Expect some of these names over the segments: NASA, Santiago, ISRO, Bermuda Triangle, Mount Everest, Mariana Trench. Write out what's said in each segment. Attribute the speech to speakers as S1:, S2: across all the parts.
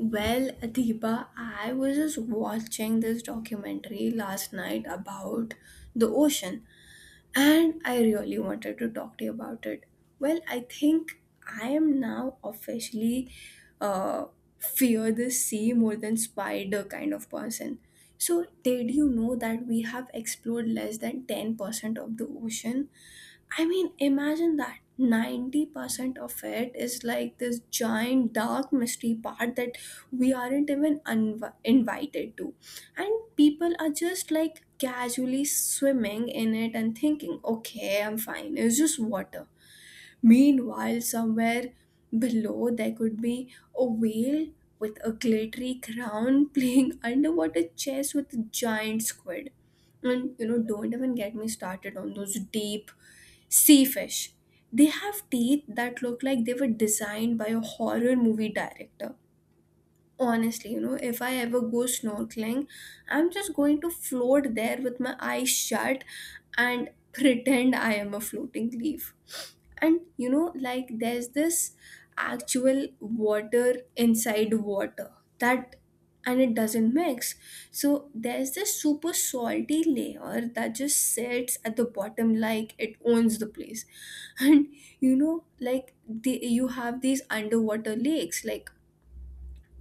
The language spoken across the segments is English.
S1: Well, Deepa, I was just watching this documentary last night about the ocean, and I really wanted to talk to you about it. Well, I think I am now officially uh, fear the sea more than spider kind of person. So, did you know that we have explored less than 10% of the ocean? I mean, imagine that 90% of it is like this giant dark mystery part that we aren't even invited to. And people are just like casually swimming in it and thinking, okay, I'm fine, it's just water. Meanwhile, somewhere below, there could be a whale with a glittery crown playing underwater chess with a giant squid, and don't even get me started on those deep sea fish. They have teeth that look like they were designed by a horror movie director, honestly. If I ever go snorkeling, I'm just going to float there with my eyes shut and pretend I am a floating leaf. And like, there's this actual water inside water that and it doesn't mix. So there's this super salty layer that just sits at the bottom like it owns the place. And you have these underwater lakes, like,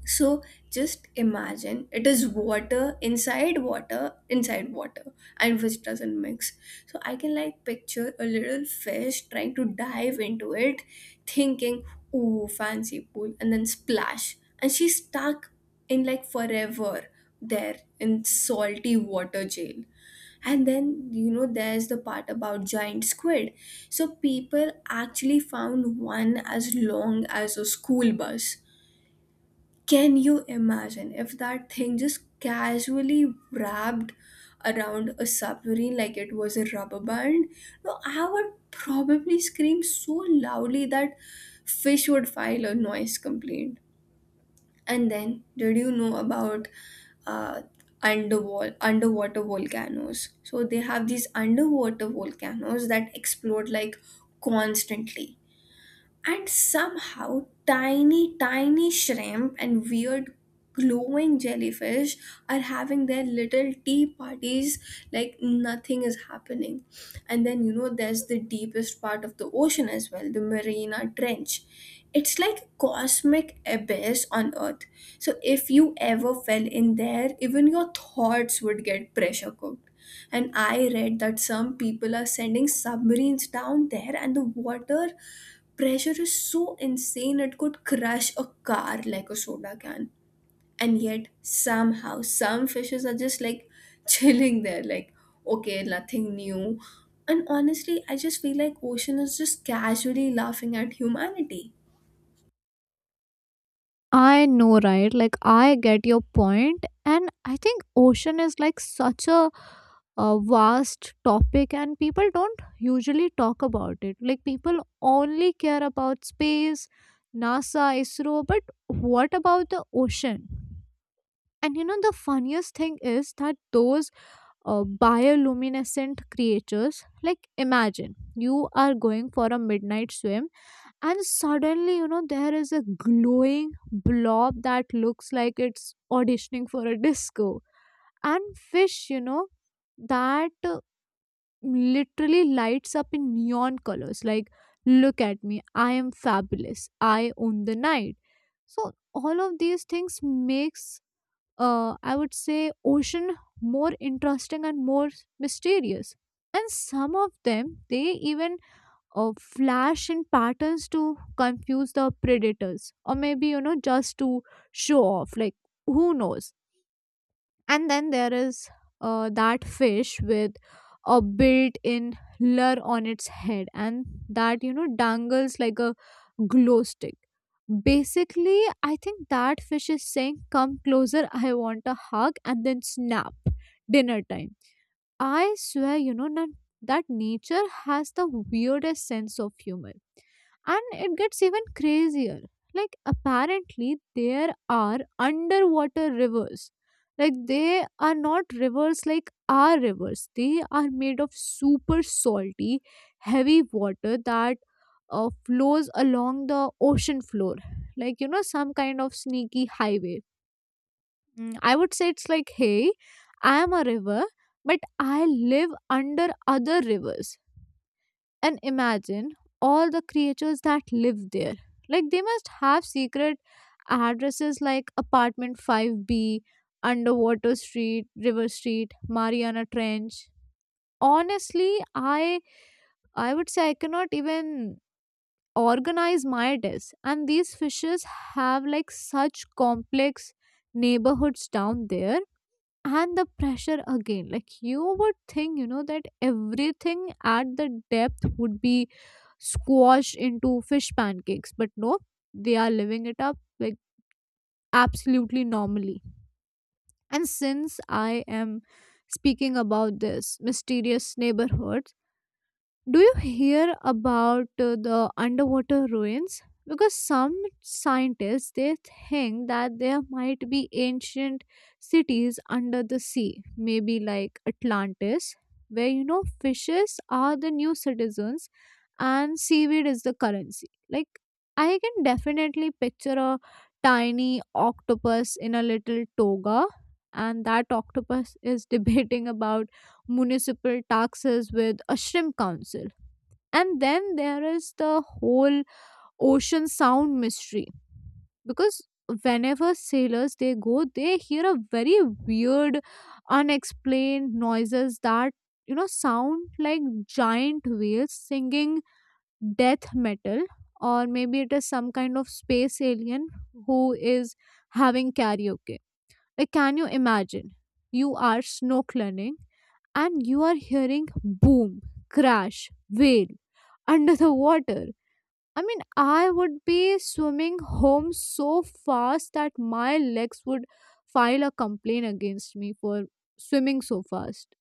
S1: so just imagine, it is water inside water inside water and which doesn't mix. So I can like picture a little fish trying to dive into it, thinking, ooh, fancy pool, and then splash. And she's stuck in, like, forever there in salty water jail. And then there's the part about giant squid. So people actually found one as long as a school bus. Can you imagine if that thing just casually wrapped around a submarine like it was a rubber band? No, I would probably scream so loudly that fish would file a noise complaint. And then, did you know about uh, underwater volcanoes? So they have these underwater volcanoes that explode like constantly, and somehow, tiny, tiny shrimp and weird glowing jellyfish are having their little tea parties like nothing is happening. And then, there's the deepest part of the ocean as well, the Marina Trench. It's like a cosmic abyss on Earth. So if you ever fell in there, even your thoughts would get pressure cooked. And I read that some people are sending submarines down there, and the water pressure is so insane it could crush a car like a soda can. And yet, somehow, some fishes are just like chilling there, like, okay, nothing new. And honestly, I just feel like ocean is just casually laughing at humanity.
S2: I know, right? Like, I get your point, and I think ocean is like such a vast topic, and people don't usually talk about it. Like, people only care about space, NASA, ISRO, but what about the ocean? And you know, the funniest thing is that those bioluminescent creatures, like, imagine you are going for a midnight swim, and suddenly, you know, there is a glowing blob that looks like it's auditioning for a disco. And fish, you know, that literally lights up in neon colors, like, look at me, I am fabulous, I own the night. So all of these things makes, I would say, ocean more interesting and more mysterious. And some of them they even, flash in patterns to confuse the predators, or maybe, you know, just to show off, like, who knows. And then there is, that fish with a built-in lure on its head, and that, you know, dangles like a glow stick. Basically, I think that fish is saying, come closer, I want a hug, and then snap, dinner time. I swear, you know, that nature has the weirdest sense of humor. And it gets even crazier. Like, apparently, there are underwater rivers. Like, they are not rivers like our rivers. They are made of super salty, heavy water that, flows along the ocean floor. Like, you know, some kind of sneaky highway. Mm, I would say it's like, hey, I am a river, but I live under other rivers. And imagine all the creatures that live there. Like, they must have secret addresses like apartment 5B, underwater street, river street, Mariana Trench. Honestly, I would say I cannot even organize my desk. And these fishes have like such complex neighborhoods down there. And the pressure again, like, you would think, you know, that everything at the depth would be squashed into fish pancakes, but no, they are living it up like absolutely normally. And since I am speaking about this mysterious neighborhood, do you hear about the underwater ruins? Because some scientists they think that there might be ancient cities under the sea, maybe like Atlantis, where, you know, fishes are the new citizens and seaweed is the currency. Like, I can definitely picture a tiny octopus in a little toga, and that octopus is debating about municipal taxes with a shrimp council. And then there is the whole ocean sound mystery, because whenever sailors they go, they hear a very weird, unexplained noises that, you know, sound like giant whales singing death metal, or maybe it is some kind of space alien who is having karaoke. Like, can you imagine you are snorkeling and you are hearing boom, crash, whale under the water? I mean, I would be swimming home so fast that my legs would file a complaint against me for swimming so fast.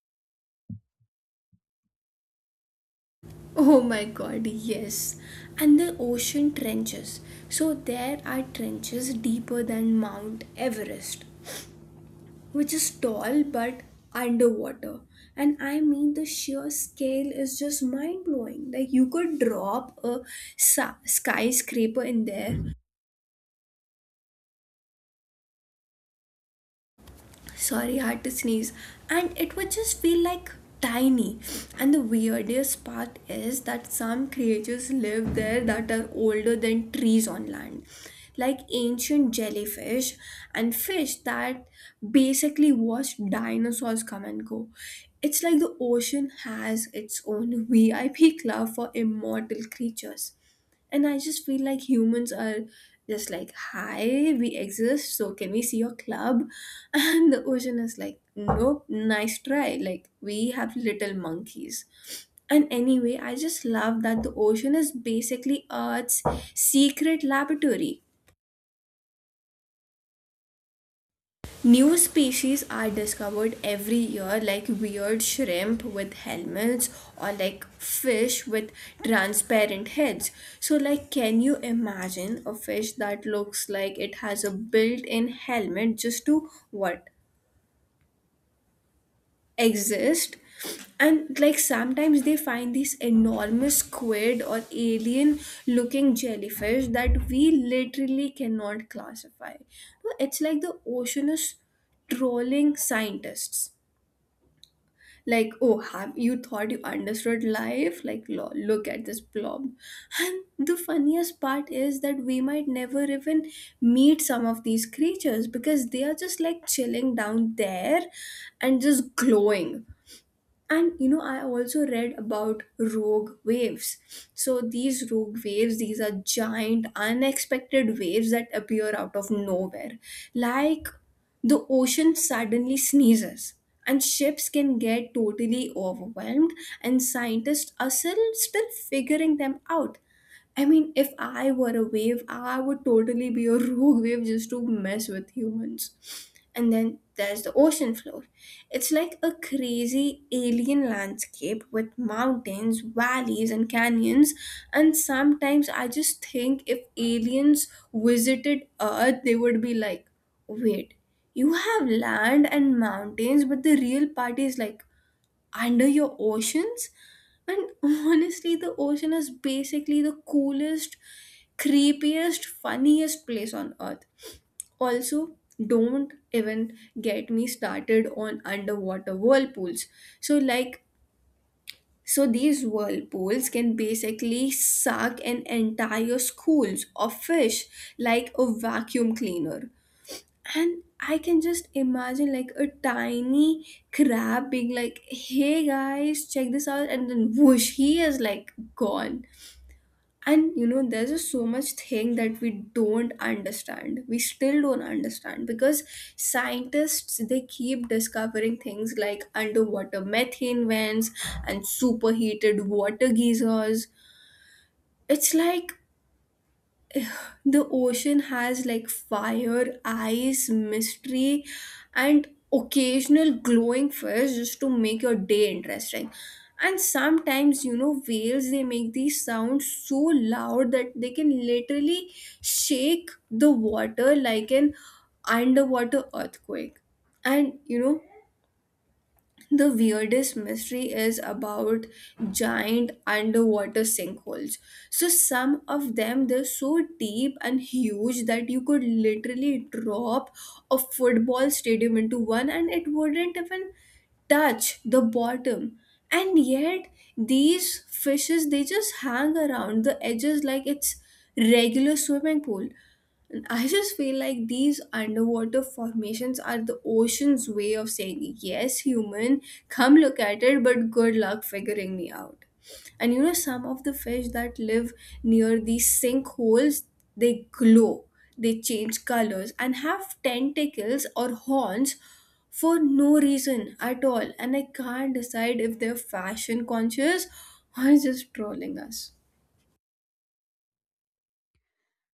S1: Oh my god, yes. And the ocean trenches. So there are trenches deeper than Mount Everest, which is tall but underwater. And I mean, the sheer scale is just mind blowing. Like, you could drop a skyscraper in there. Sorry, I had to sneeze. And it would just feel like tiny. And the weirdest part is that some creatures live there that are older than trees on land, like ancient jellyfish and fish that basically watched dinosaurs come and go. It's like the ocean has its own VIP club for immortal creatures. And I just feel like humans are just like, hi, we exist, so can we see your club? And the ocean is like, nope, nice try. Like, we have little monkeys. And anyway, I just love that the ocean is basically Earth's secret laboratory. New species are discovered every year, like weird shrimp with helmets or like fish with transparent heads. So, like, can you imagine a fish that looks like it has a built in helmet just to what? Exist. And like sometimes they find these enormous squid or alien looking jellyfish that we literally cannot classify. No, it's like the ocean is trolling scientists like, oh, have you thought you understood life? Like, look at this blob. And the funniest part is that we might never even meet some of these creatures because they are just like chilling down there and just glowing. And I also read about rogue waves. So these rogue waves, these are giant unexpected waves that appear out of nowhere, like the ocean suddenly sneezes, and ships can get totally overwhelmed, and scientists are still figuring them out. I mean, if I were a wave, I would totally be a rogue wave just to mess with humans. And then there's the ocean floor. It's like a crazy alien landscape with mountains, valleys, and canyons. And sometimes I just think if aliens visited Earth, they would be like, wait, you have land and mountains, but the real party is like under your oceans. And honestly, the ocean is basically the coolest, creepiest, funniest place on earth. Also, don't even get me started on underwater whirlpools. So like so these whirlpools can basically suck an entire schools of fish like a vacuum cleaner. And I can just imagine like a tiny crab being like, hey guys, check this out, and then whoosh, he is like gone. And there's just so much thing that we still don't understand, because scientists they keep discovering things like underwater methane vents and superheated water geysers. It's like the ocean has like fire, ice, mystery, and occasional glowing fish just to make your day interesting. And sometimes, whales they make these sounds so loud that they can literally shake the water like an underwater earthquake. And the weirdest mystery is about giant underwater sinkholes. So, some of them they're so deep and huge that you could literally drop a football stadium into one and it wouldn't even touch the bottom. And yet, these fishes they just hang around the edges like it's regular swimming pool. And I just feel like these underwater formations are the ocean's way of saying, yes, human, come look at it, but good luck figuring me out. And some of the fish that live near these sinkholes, they glow, they change colors, and have tentacles or horns for no reason at all. And I can't decide if they're fashion conscious or just trolling us.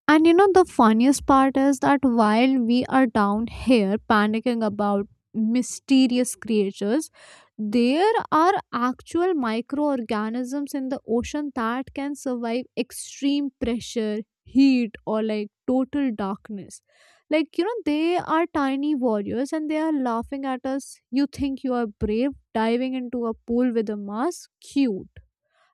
S2: And you know, the funniest part is that while we are down here panicking about mysterious creatures, there are actual microorganisms in the ocean that can survive extreme pressure, heat, or like total darkness. Like, you know, they are tiny warriors and they are laughing at us. You think you are brave diving into a pool with a mask? Cute.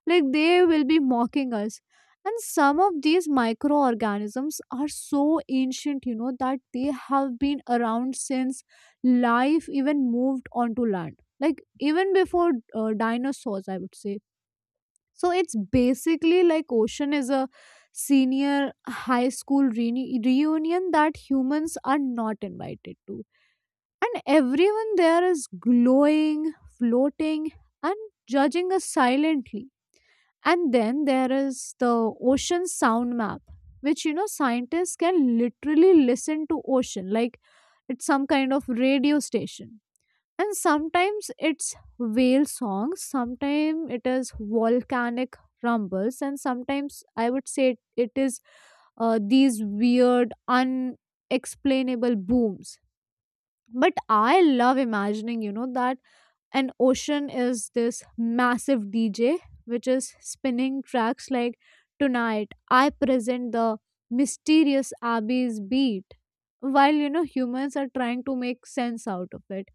S2: Like, they will be mocking us. And some of these microorganisms are so ancient, you know, that they have been around since life even moved onto land, like, even before, dinosaurs, I would say. So it's basically like ocean is a senior high school reunion that humans are not invited to, and everyone there is glowing, floating, and judging us silently. And then there is the ocean sound map, which, you know, scientists can literally listen to ocean like it's some kind of radio station. And sometimes it's whale songs, sometimes it is volcanic rumbles, and sometimes I would say it is, these weird, unexplainable booms. But I love imagining, you know, that and ocean is this massive DJ which is spinning tracks like, tonight I present the mysterious abbey's beat, while, you know, humans are trying to make sense out of it.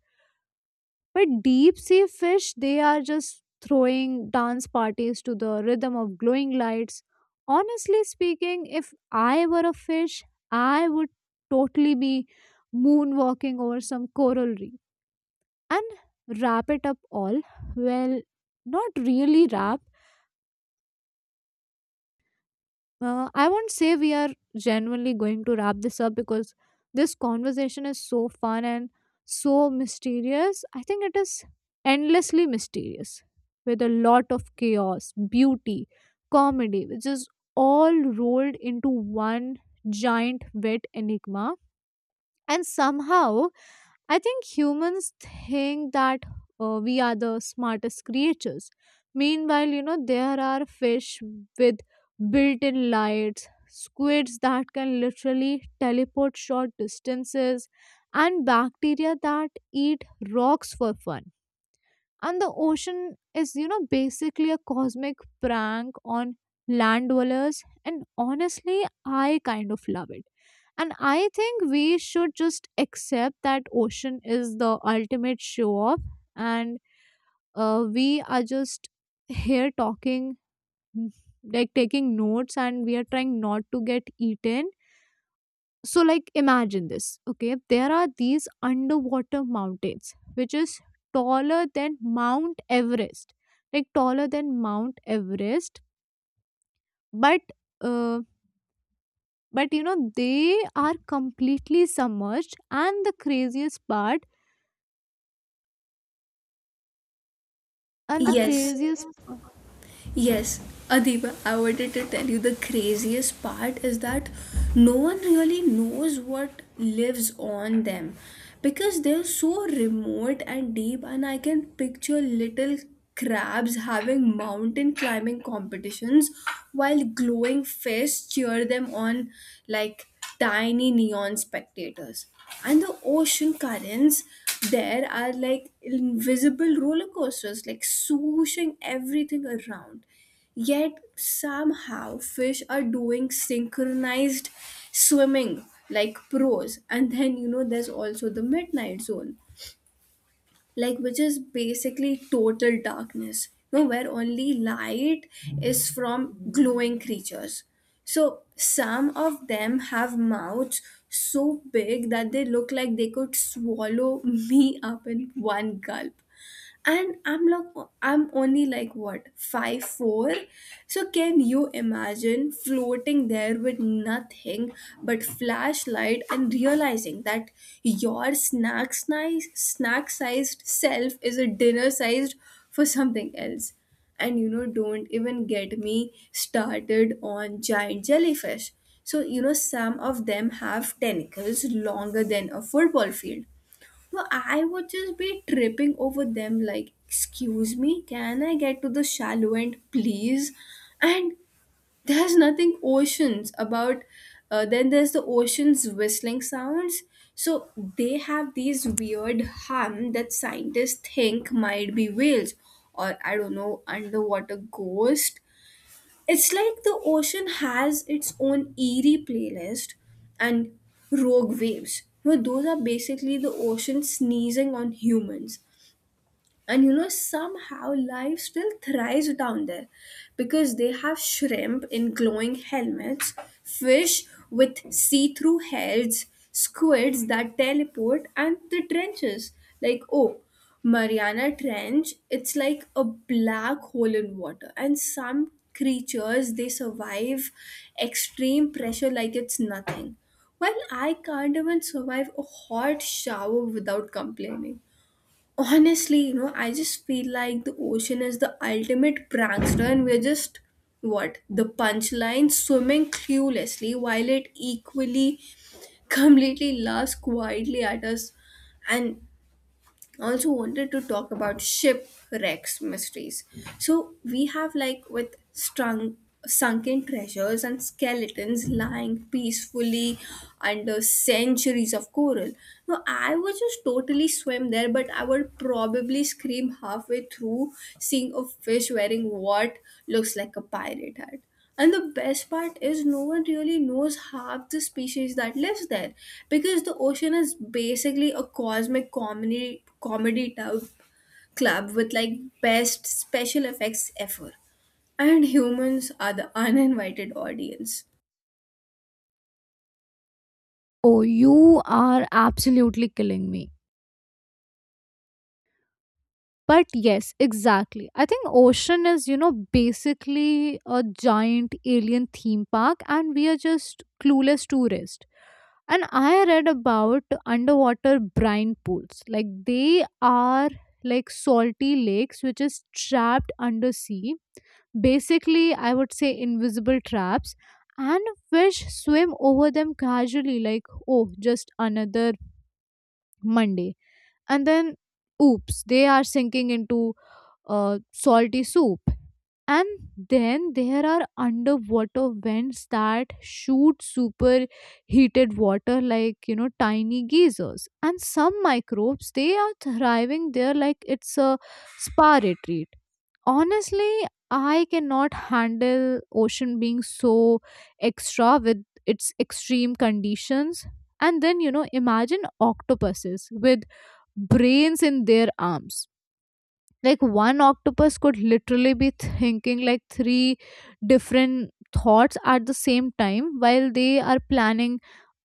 S2: But deep sea fish, they are just throwing dance parties to the rhythm of glowing lights. Honestly speaking, if I were a fish, I would totally be moonwalking over some coral reef and wrap it up all. Well, not really wrap. I won't say we are genuinely going to wrap this up, because this conversation is so fun and so mysterious. I think it is endlessly mysterious with a lot of chaos, beauty, comedy, which is all rolled into one giant wet enigma. And somehow I think humans think that, we are the smartest creatures. Meanwhile, you know, there are fish with built in lights, squids that can literally teleport short distances, and bacteria that eat rocks for fun. And the ocean is, you know, basically a cosmic prank on land dwellers, and honestly, I kind of love it. And I think we should just accept that ocean is the ultimate show off. And, we are just here talking, like taking notes, and we are trying not to get eaten. So, like, imagine this, okay? There are these underwater mountains, which is taller than Mount Everest, like taller than Mount Everest, but, uh, but you know, they are completely submerged. And the craziest part, and the
S1: Yes.
S2: craziest,
S1: Yes, Adiba, I wanted to tell you the craziest part is that no one really knows what lives on them because they're so remote and deep, and I can picture little crabs having mountain climbing competitions while glowing fish cheer them on like tiny neon spectators. And the ocean currents there are like invisible roller coasters, like swooshing everything around. Yet somehow fish are doing synchronized swimming like pros. And then, there's also the midnight zone, like, which is basically total darkness, where only light is from glowing creatures. So some of them have mouths so big that they look like they could swallow me up in one gulp. And I'm like, I'm only like, what, 5'4"? So can you imagine floating there with nothing but flashlight and realizing that your snack sized self is a dinner sized for something else. And don't even get me started on giant jellyfish. So some of them have tentacles longer than a football field, so I would just be tripping over them like, excuse me, can I get to the shallow end, please? And there's nothing oceans about, then there's the ocean's whistling sounds. So they have these weird hum that scientists think might be whales, or I don't know, underwater ghost. It's like the ocean has its own eerie playlist and rogue waves. Those are basically the ocean sneezing on humans. And somehow life still thrives down there, because they have shrimp in glowing helmets, fish with see-through heads, squids that teleport, and the trenches, like, oh, Mariana trench, it's like a black hole in water, and some creatures they survive extreme pressure like it's nothing. Well, I can't even survive a hot shower without complaining. Honestly, I just feel like the ocean is the ultimate prankster, and we're just what, the punchline, swimming cluelessly while it equally completely laughs quietly at us. And also wanted to talk about shipwrecks mysteries. So we have like with strung sunken treasures and skeletons lying peacefully under centuries of coral. Now I would just totally swim there, but I would probably scream halfway through seeing a fish wearing what looks like a pirate hat. And the best part is, no one really knows half the species that lives there, because the ocean is basically a cosmic comedy tub club with like best special effects ever. And humans are the uninvited audience.
S2: oh, you are absolutely killing me. But yes, exactly. I think ocean is, you know, basically a giant alien theme park, and we are just clueless tourists. And I read about underwater brine pools. Like, they are like salty lakes which is trapped under sea. Basically, I would say invisible traps. And fish swim over them casually, like, oh, just another Monday. And then, oops, they are sinking into, salty soup. And then there are underwater vents that shoot super heated water, like, you know, tiny geysers, and some microbes they are thriving there like it's a spa retreat. Honestly, I cannot handle ocean being so extra with its extreme conditions. And then, you know, imagine octopuses with brains in their arms. Like, one octopus could literally be thinking like three different thoughts at the same time while they are planning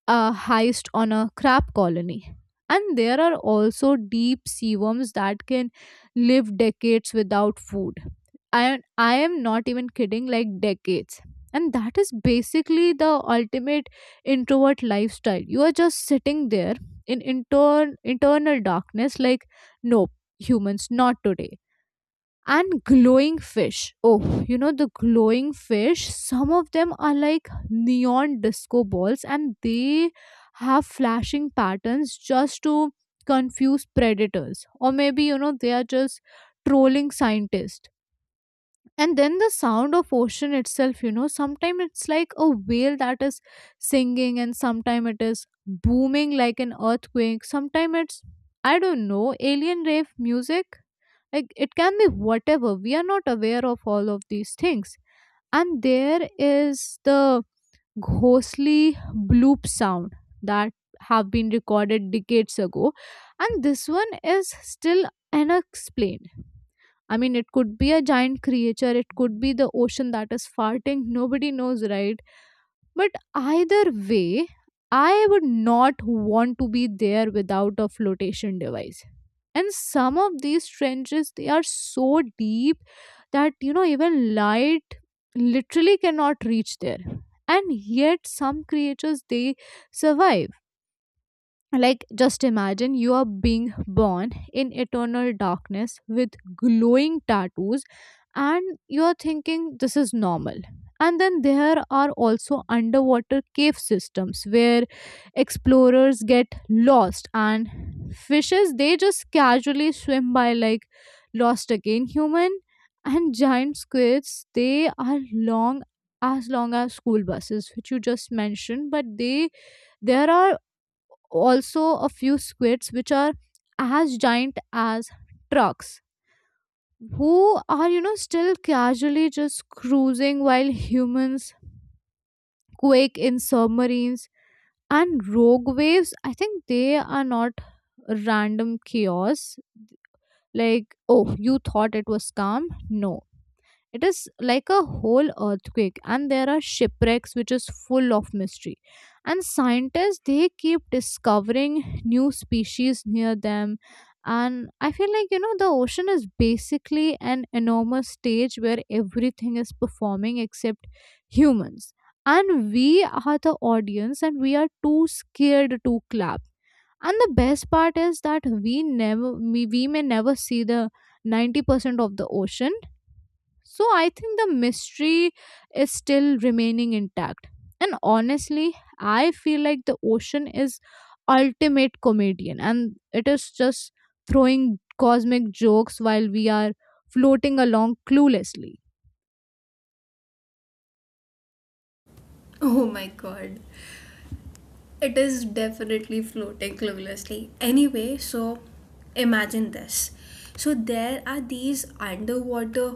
S2: a heist on a crab colony. And there are also deep sea worms that can live decades without food. I i am not even kidding, like, decades. And that is basically the ultimate introvert lifestyle. You are just sitting there in internal darkness, like, nope, humans, not today. And glowing fish. Oh, you know the glowing fish, some of them are like neon disco balls, and they have flashing patterns just to confuse predators. Or maybe, you know, they are just trolling scientists. And then the sound of ocean itself, you know, sometimes it's like a whale that is singing, and sometimes it is booming like an earthquake. Sometimes it's, I don't know, alien rave music. Like, it can be whatever, we are not aware of all of these things. And there is the ghostly bloop sound that have been recorded decades ago, and this one is still unexplained. I mean, it could be a giant creature, it could be the ocean that is farting, nobody knows, right? But either way, I would not want to be there without a flotation device. And some of these trenches, they are so deep that, you know, even light literally cannot reach there. And yet, some creatures, they survive. Like, just imagine you are being born in eternal darkness with glowing tattoos, and you're thinking this is normal. And then there are also underwater cave systems where explorers get lost, and fishes they just casually swim by, like, lost again, human. And giant squids, they are long as school buses, which you just mentioned, but they there are also a few squids which are as giant as trucks, who are, you know, still casually just cruising while humans quake in submarines. And rogue waves, I think they are not random chaos. Like, oh, you thought it was calm? No. It is like a whole earthquake. And there are shipwrecks which is full of mystery, and scientists they keep discovering new species near them. And I feel like, you know, the ocean is basically an enormous stage where everything is performing except humans. And we are the audience, and we are too scared to clap. And the best part is that we may never see the 90% of the ocean, so I think the mystery is still remaining intact. And honestly, I feel like the ocean is ultimate comedian, and it is just throwing cosmic jokes while we are floating along cluelessly.
S1: Oh my god. It is definitely floating cluelessly. Anyway, so imagine this. So there are these underwater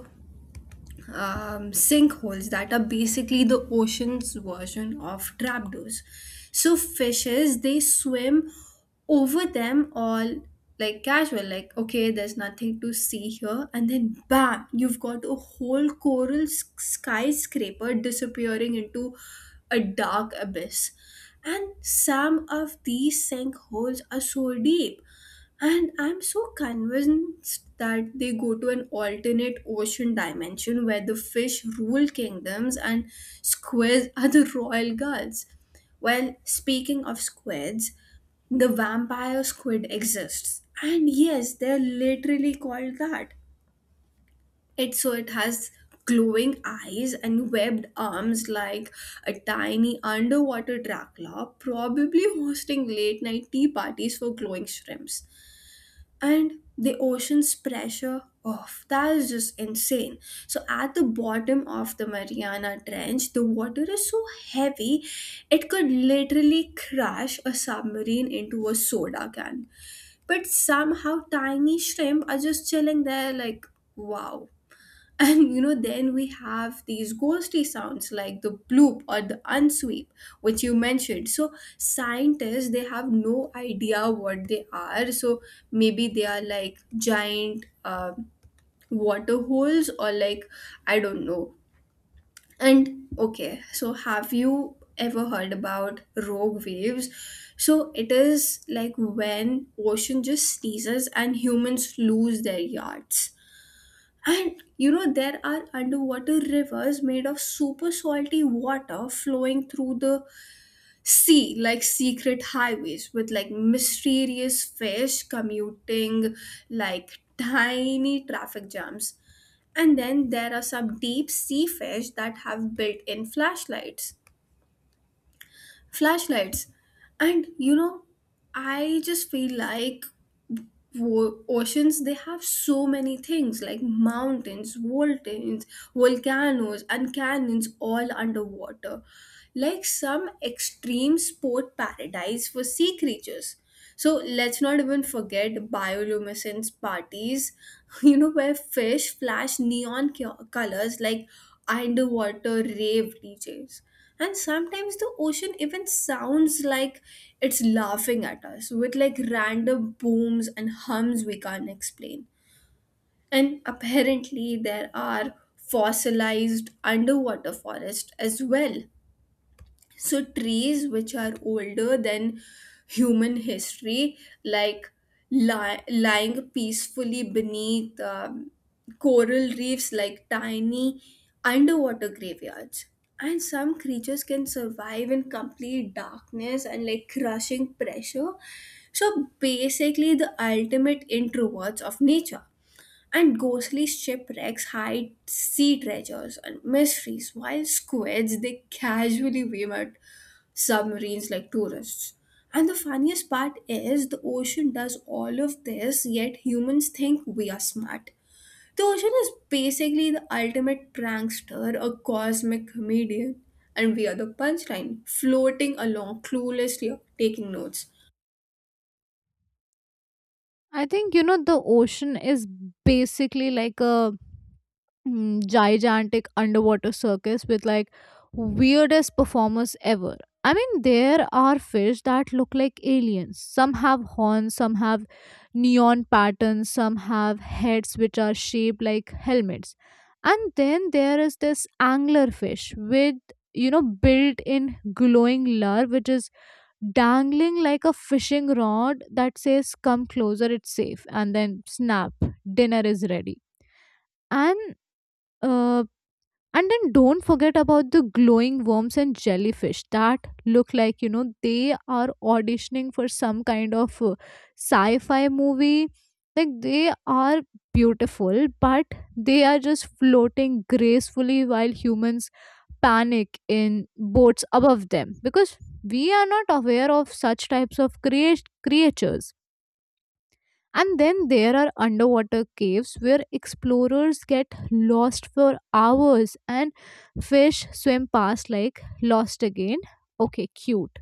S1: sinkholes that are basically the ocean's version of trapdoors. So fishes they swim over them all like casual, like, okay, there's nothing to see here, and then bam, you've got a whole coral skyscraper disappearing into a dark abyss. And some of these sinkholes are so deep. And I'm so convinced that they go to an alternate ocean dimension where the fish rule kingdoms and squids are the royal guards. Well, speaking of squids, the vampire squid exists. And yes, they're literally called that. It has glowing eyes and webbed arms like a tiny underwater Dracula, probably hosting late night tea parties for glowing shrimps. And the ocean's pressure, oh, that is just insane. So at the bottom of the Mariana trench, the water is so heavy it could literally crash a submarine into a soda can, but somehow tiny shrimp are just chilling there like, wow. And then we have these ghostly sounds like the bloop or the unsweep, which you mentioned. So scientists they have no idea what they are. So maybe they are like giant water holes, or like, I don't know. And okay, so have you ever heard about rogue waves? So it is like when ocean just sneezes and humans lose their yards. And there are underwater rivers made of super salty water flowing through the sea, like secret highways with like mysterious fish commuting, like tiny traffic jams. And then there are some deep sea fish that have built in flashlights. Flashlights. And I just feel like oceans they have so many things like mountains, volcanoes, and canyons all underwater, like some extreme sport paradise for sea creatures. So let's not even forget bioluminescence parties, where fish flash neon colors like underwater rave DJs. And sometimes the ocean even sounds like it's laughing at us with like random booms and hums we can't explain. And apparently, there are fossilized underwater forests as well, so, trees which are older than human history, like lying peacefully beneath coral reefs like tiny underwater graveyards. And some creatures can survive in complete darkness and like crushing pressure. So, basically, the ultimate introverts of nature. And ghostly shipwrecks hide sea treasures and mysteries, while squids they casually beam at submarines like tourists. And the funniest part is the ocean does all of this, yet humans think we are smart. The ocean is basically the ultimate prankster, a cosmic comedian, and we are the punchline, floating along cluelessly, taking notes.
S2: I think, you know, the ocean is basically like a, mm, gigantic underwater circus with like weirdest performers ever. I mean, there are fish that look like aliens. Some have horns, some have neon patterns, some have heads which are shaped like helmets. And then there is this angler fish with, built in glowing lure, which is dangling like a fishing rod that says, Come closer, it's safe. And then snap, dinner is ready. And uh, and then don't forget about the glowing worms and jellyfish that look like, they are auditioning for some kind of sci fi movie. Like they are beautiful, but they are just floating gracefully while humans panic in boats above them because we are not aware of such types of creatures. And then there are underwater caves where explorers get lost for hours and fish swim past like lost again. Okay, cute.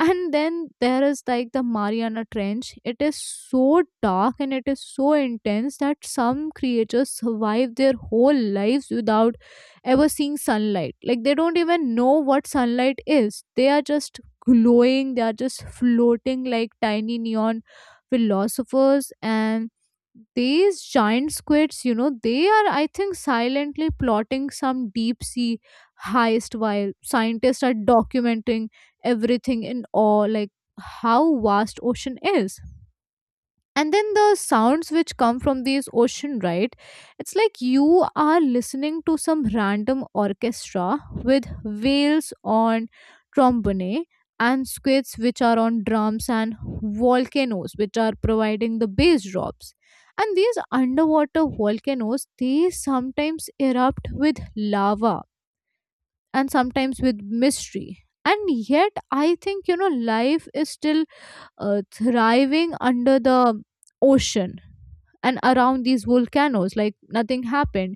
S2: And then there is like the Mariana Trench. It is so dark and it is so intense that some creatures survive their whole lives without ever seeing sunlight. Like, they don't even know what sunlight is. They are just glowing, they are just floating like tiny neon philosophers. And these giant squids, they are, I think, silently plotting some deep sea heist while scientists are documenting everything in awe, like how vast ocean is. And then the sounds which come from these ocean, right? It's like you are listening to some random orchestra with whales on trombone and squids which are on drums and volcanoes which are providing the bass drops. And these underwater volcanoes, they sometimes erupt with lava and sometimes with mystery. And yet I think life is still thriving under the ocean and around these volcanoes, like nothing happened.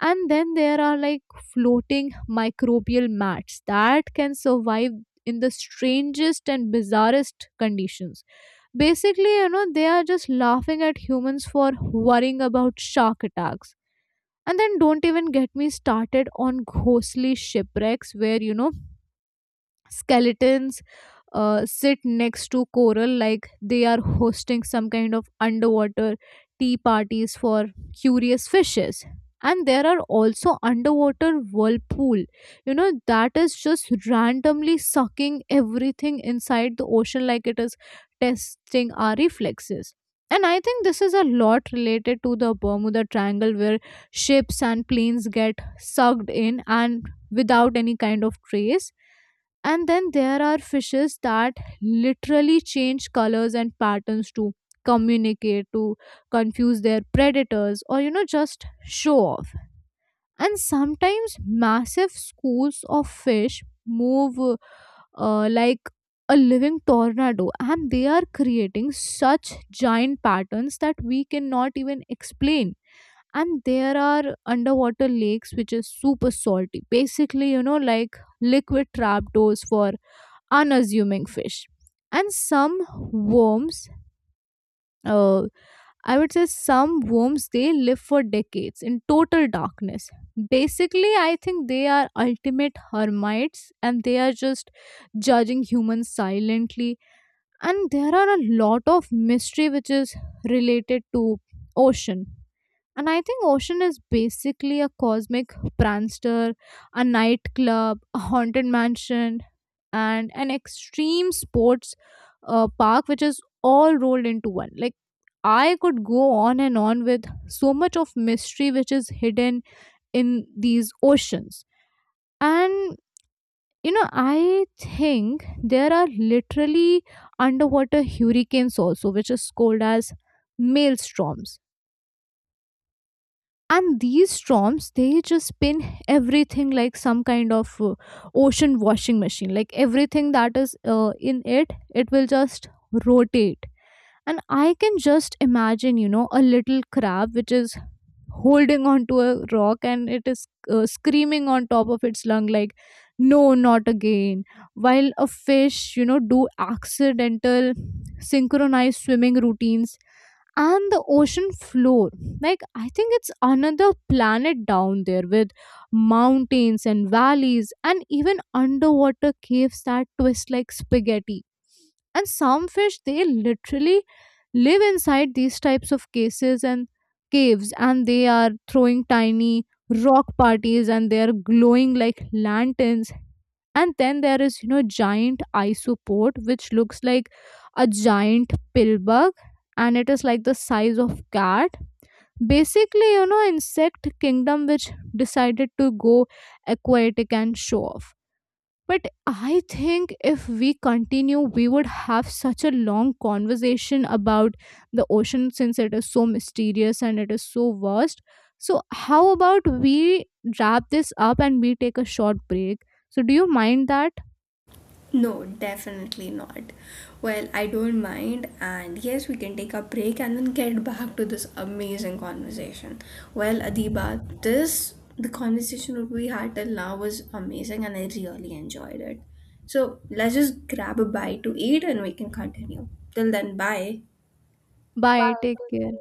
S2: And then there are like floating microbial mats that can survive in the strangest and bizarrest conditions. Basically, they are just laughing at humans for worrying about shark attacks. And then don't even get me started on ghostly shipwrecks where, skeletons sit next to coral like they are hosting some kind of underwater tea parties for curious fishes. And there are also underwater whirlpool. That is just randomly sucking everything inside the ocean like it is testing our reflexes. And I think this is a lot related to the Bermuda Triangle where ships and planes get sucked in and without any kind of trace. And then there are fishes that literally change colors and patterns to communicate, to confuse their predators, or just show off. And sometimes massive schools of fish move like a living tornado, and they are creating such giant patterns that we cannot even explain. And there are underwater lakes which is super salty, basically, like liquid trapdoors for unassuming fish. And some worms uh, I would say some worms, they live for decades in total darkness. Basically, I think they are ultimate hermits, and they are just judging humans silently. And there are a lot of mystery which is related to ocean. And I think ocean is basically a cosmic prankster, a nightclub, a haunted mansion, and an extreme sports park, which is all rolled into one. Like, I could go on and on with so much of mystery which is hidden in these oceans. And, I think there are literally underwater hurricanes also, which is called as maelstroms. And these storms, they just spin everything like some kind of ocean washing machine. Like everything that is in it will just rotate. And I can just imagine, a little crab which is holding on to a rock and it is screaming on top of its lung like, no, not again, while a fish, do accidental synchronized swimming routines. And the ocean floor, like, I think it's another planet down there with mountains and valleys and even underwater caves that twist like spaghetti. And some fish, they literally live inside these types of cases and caves, and they are throwing tiny rock parties and they are glowing like lanterns. And then there is, giant isopod which looks like a giant pill bug, and it is like the size of cat. Basically, insect kingdom which decided to go aquatic and show off. But I think if we continue, we would have such a long conversation about the ocean since it is so mysterious and it is so vast. So, how about we wrap this up and we take a short break? So, do you mind that?
S1: No, definitely not. Well, I don't mind, and yes, we can take a break and then get back to this amazing conversation. Well, Adiba, this the conversation that we had till now was amazing, and I really enjoyed it. So let's just grab a bite to eat, and we can continue. Till then, bye.
S2: Bye, take care.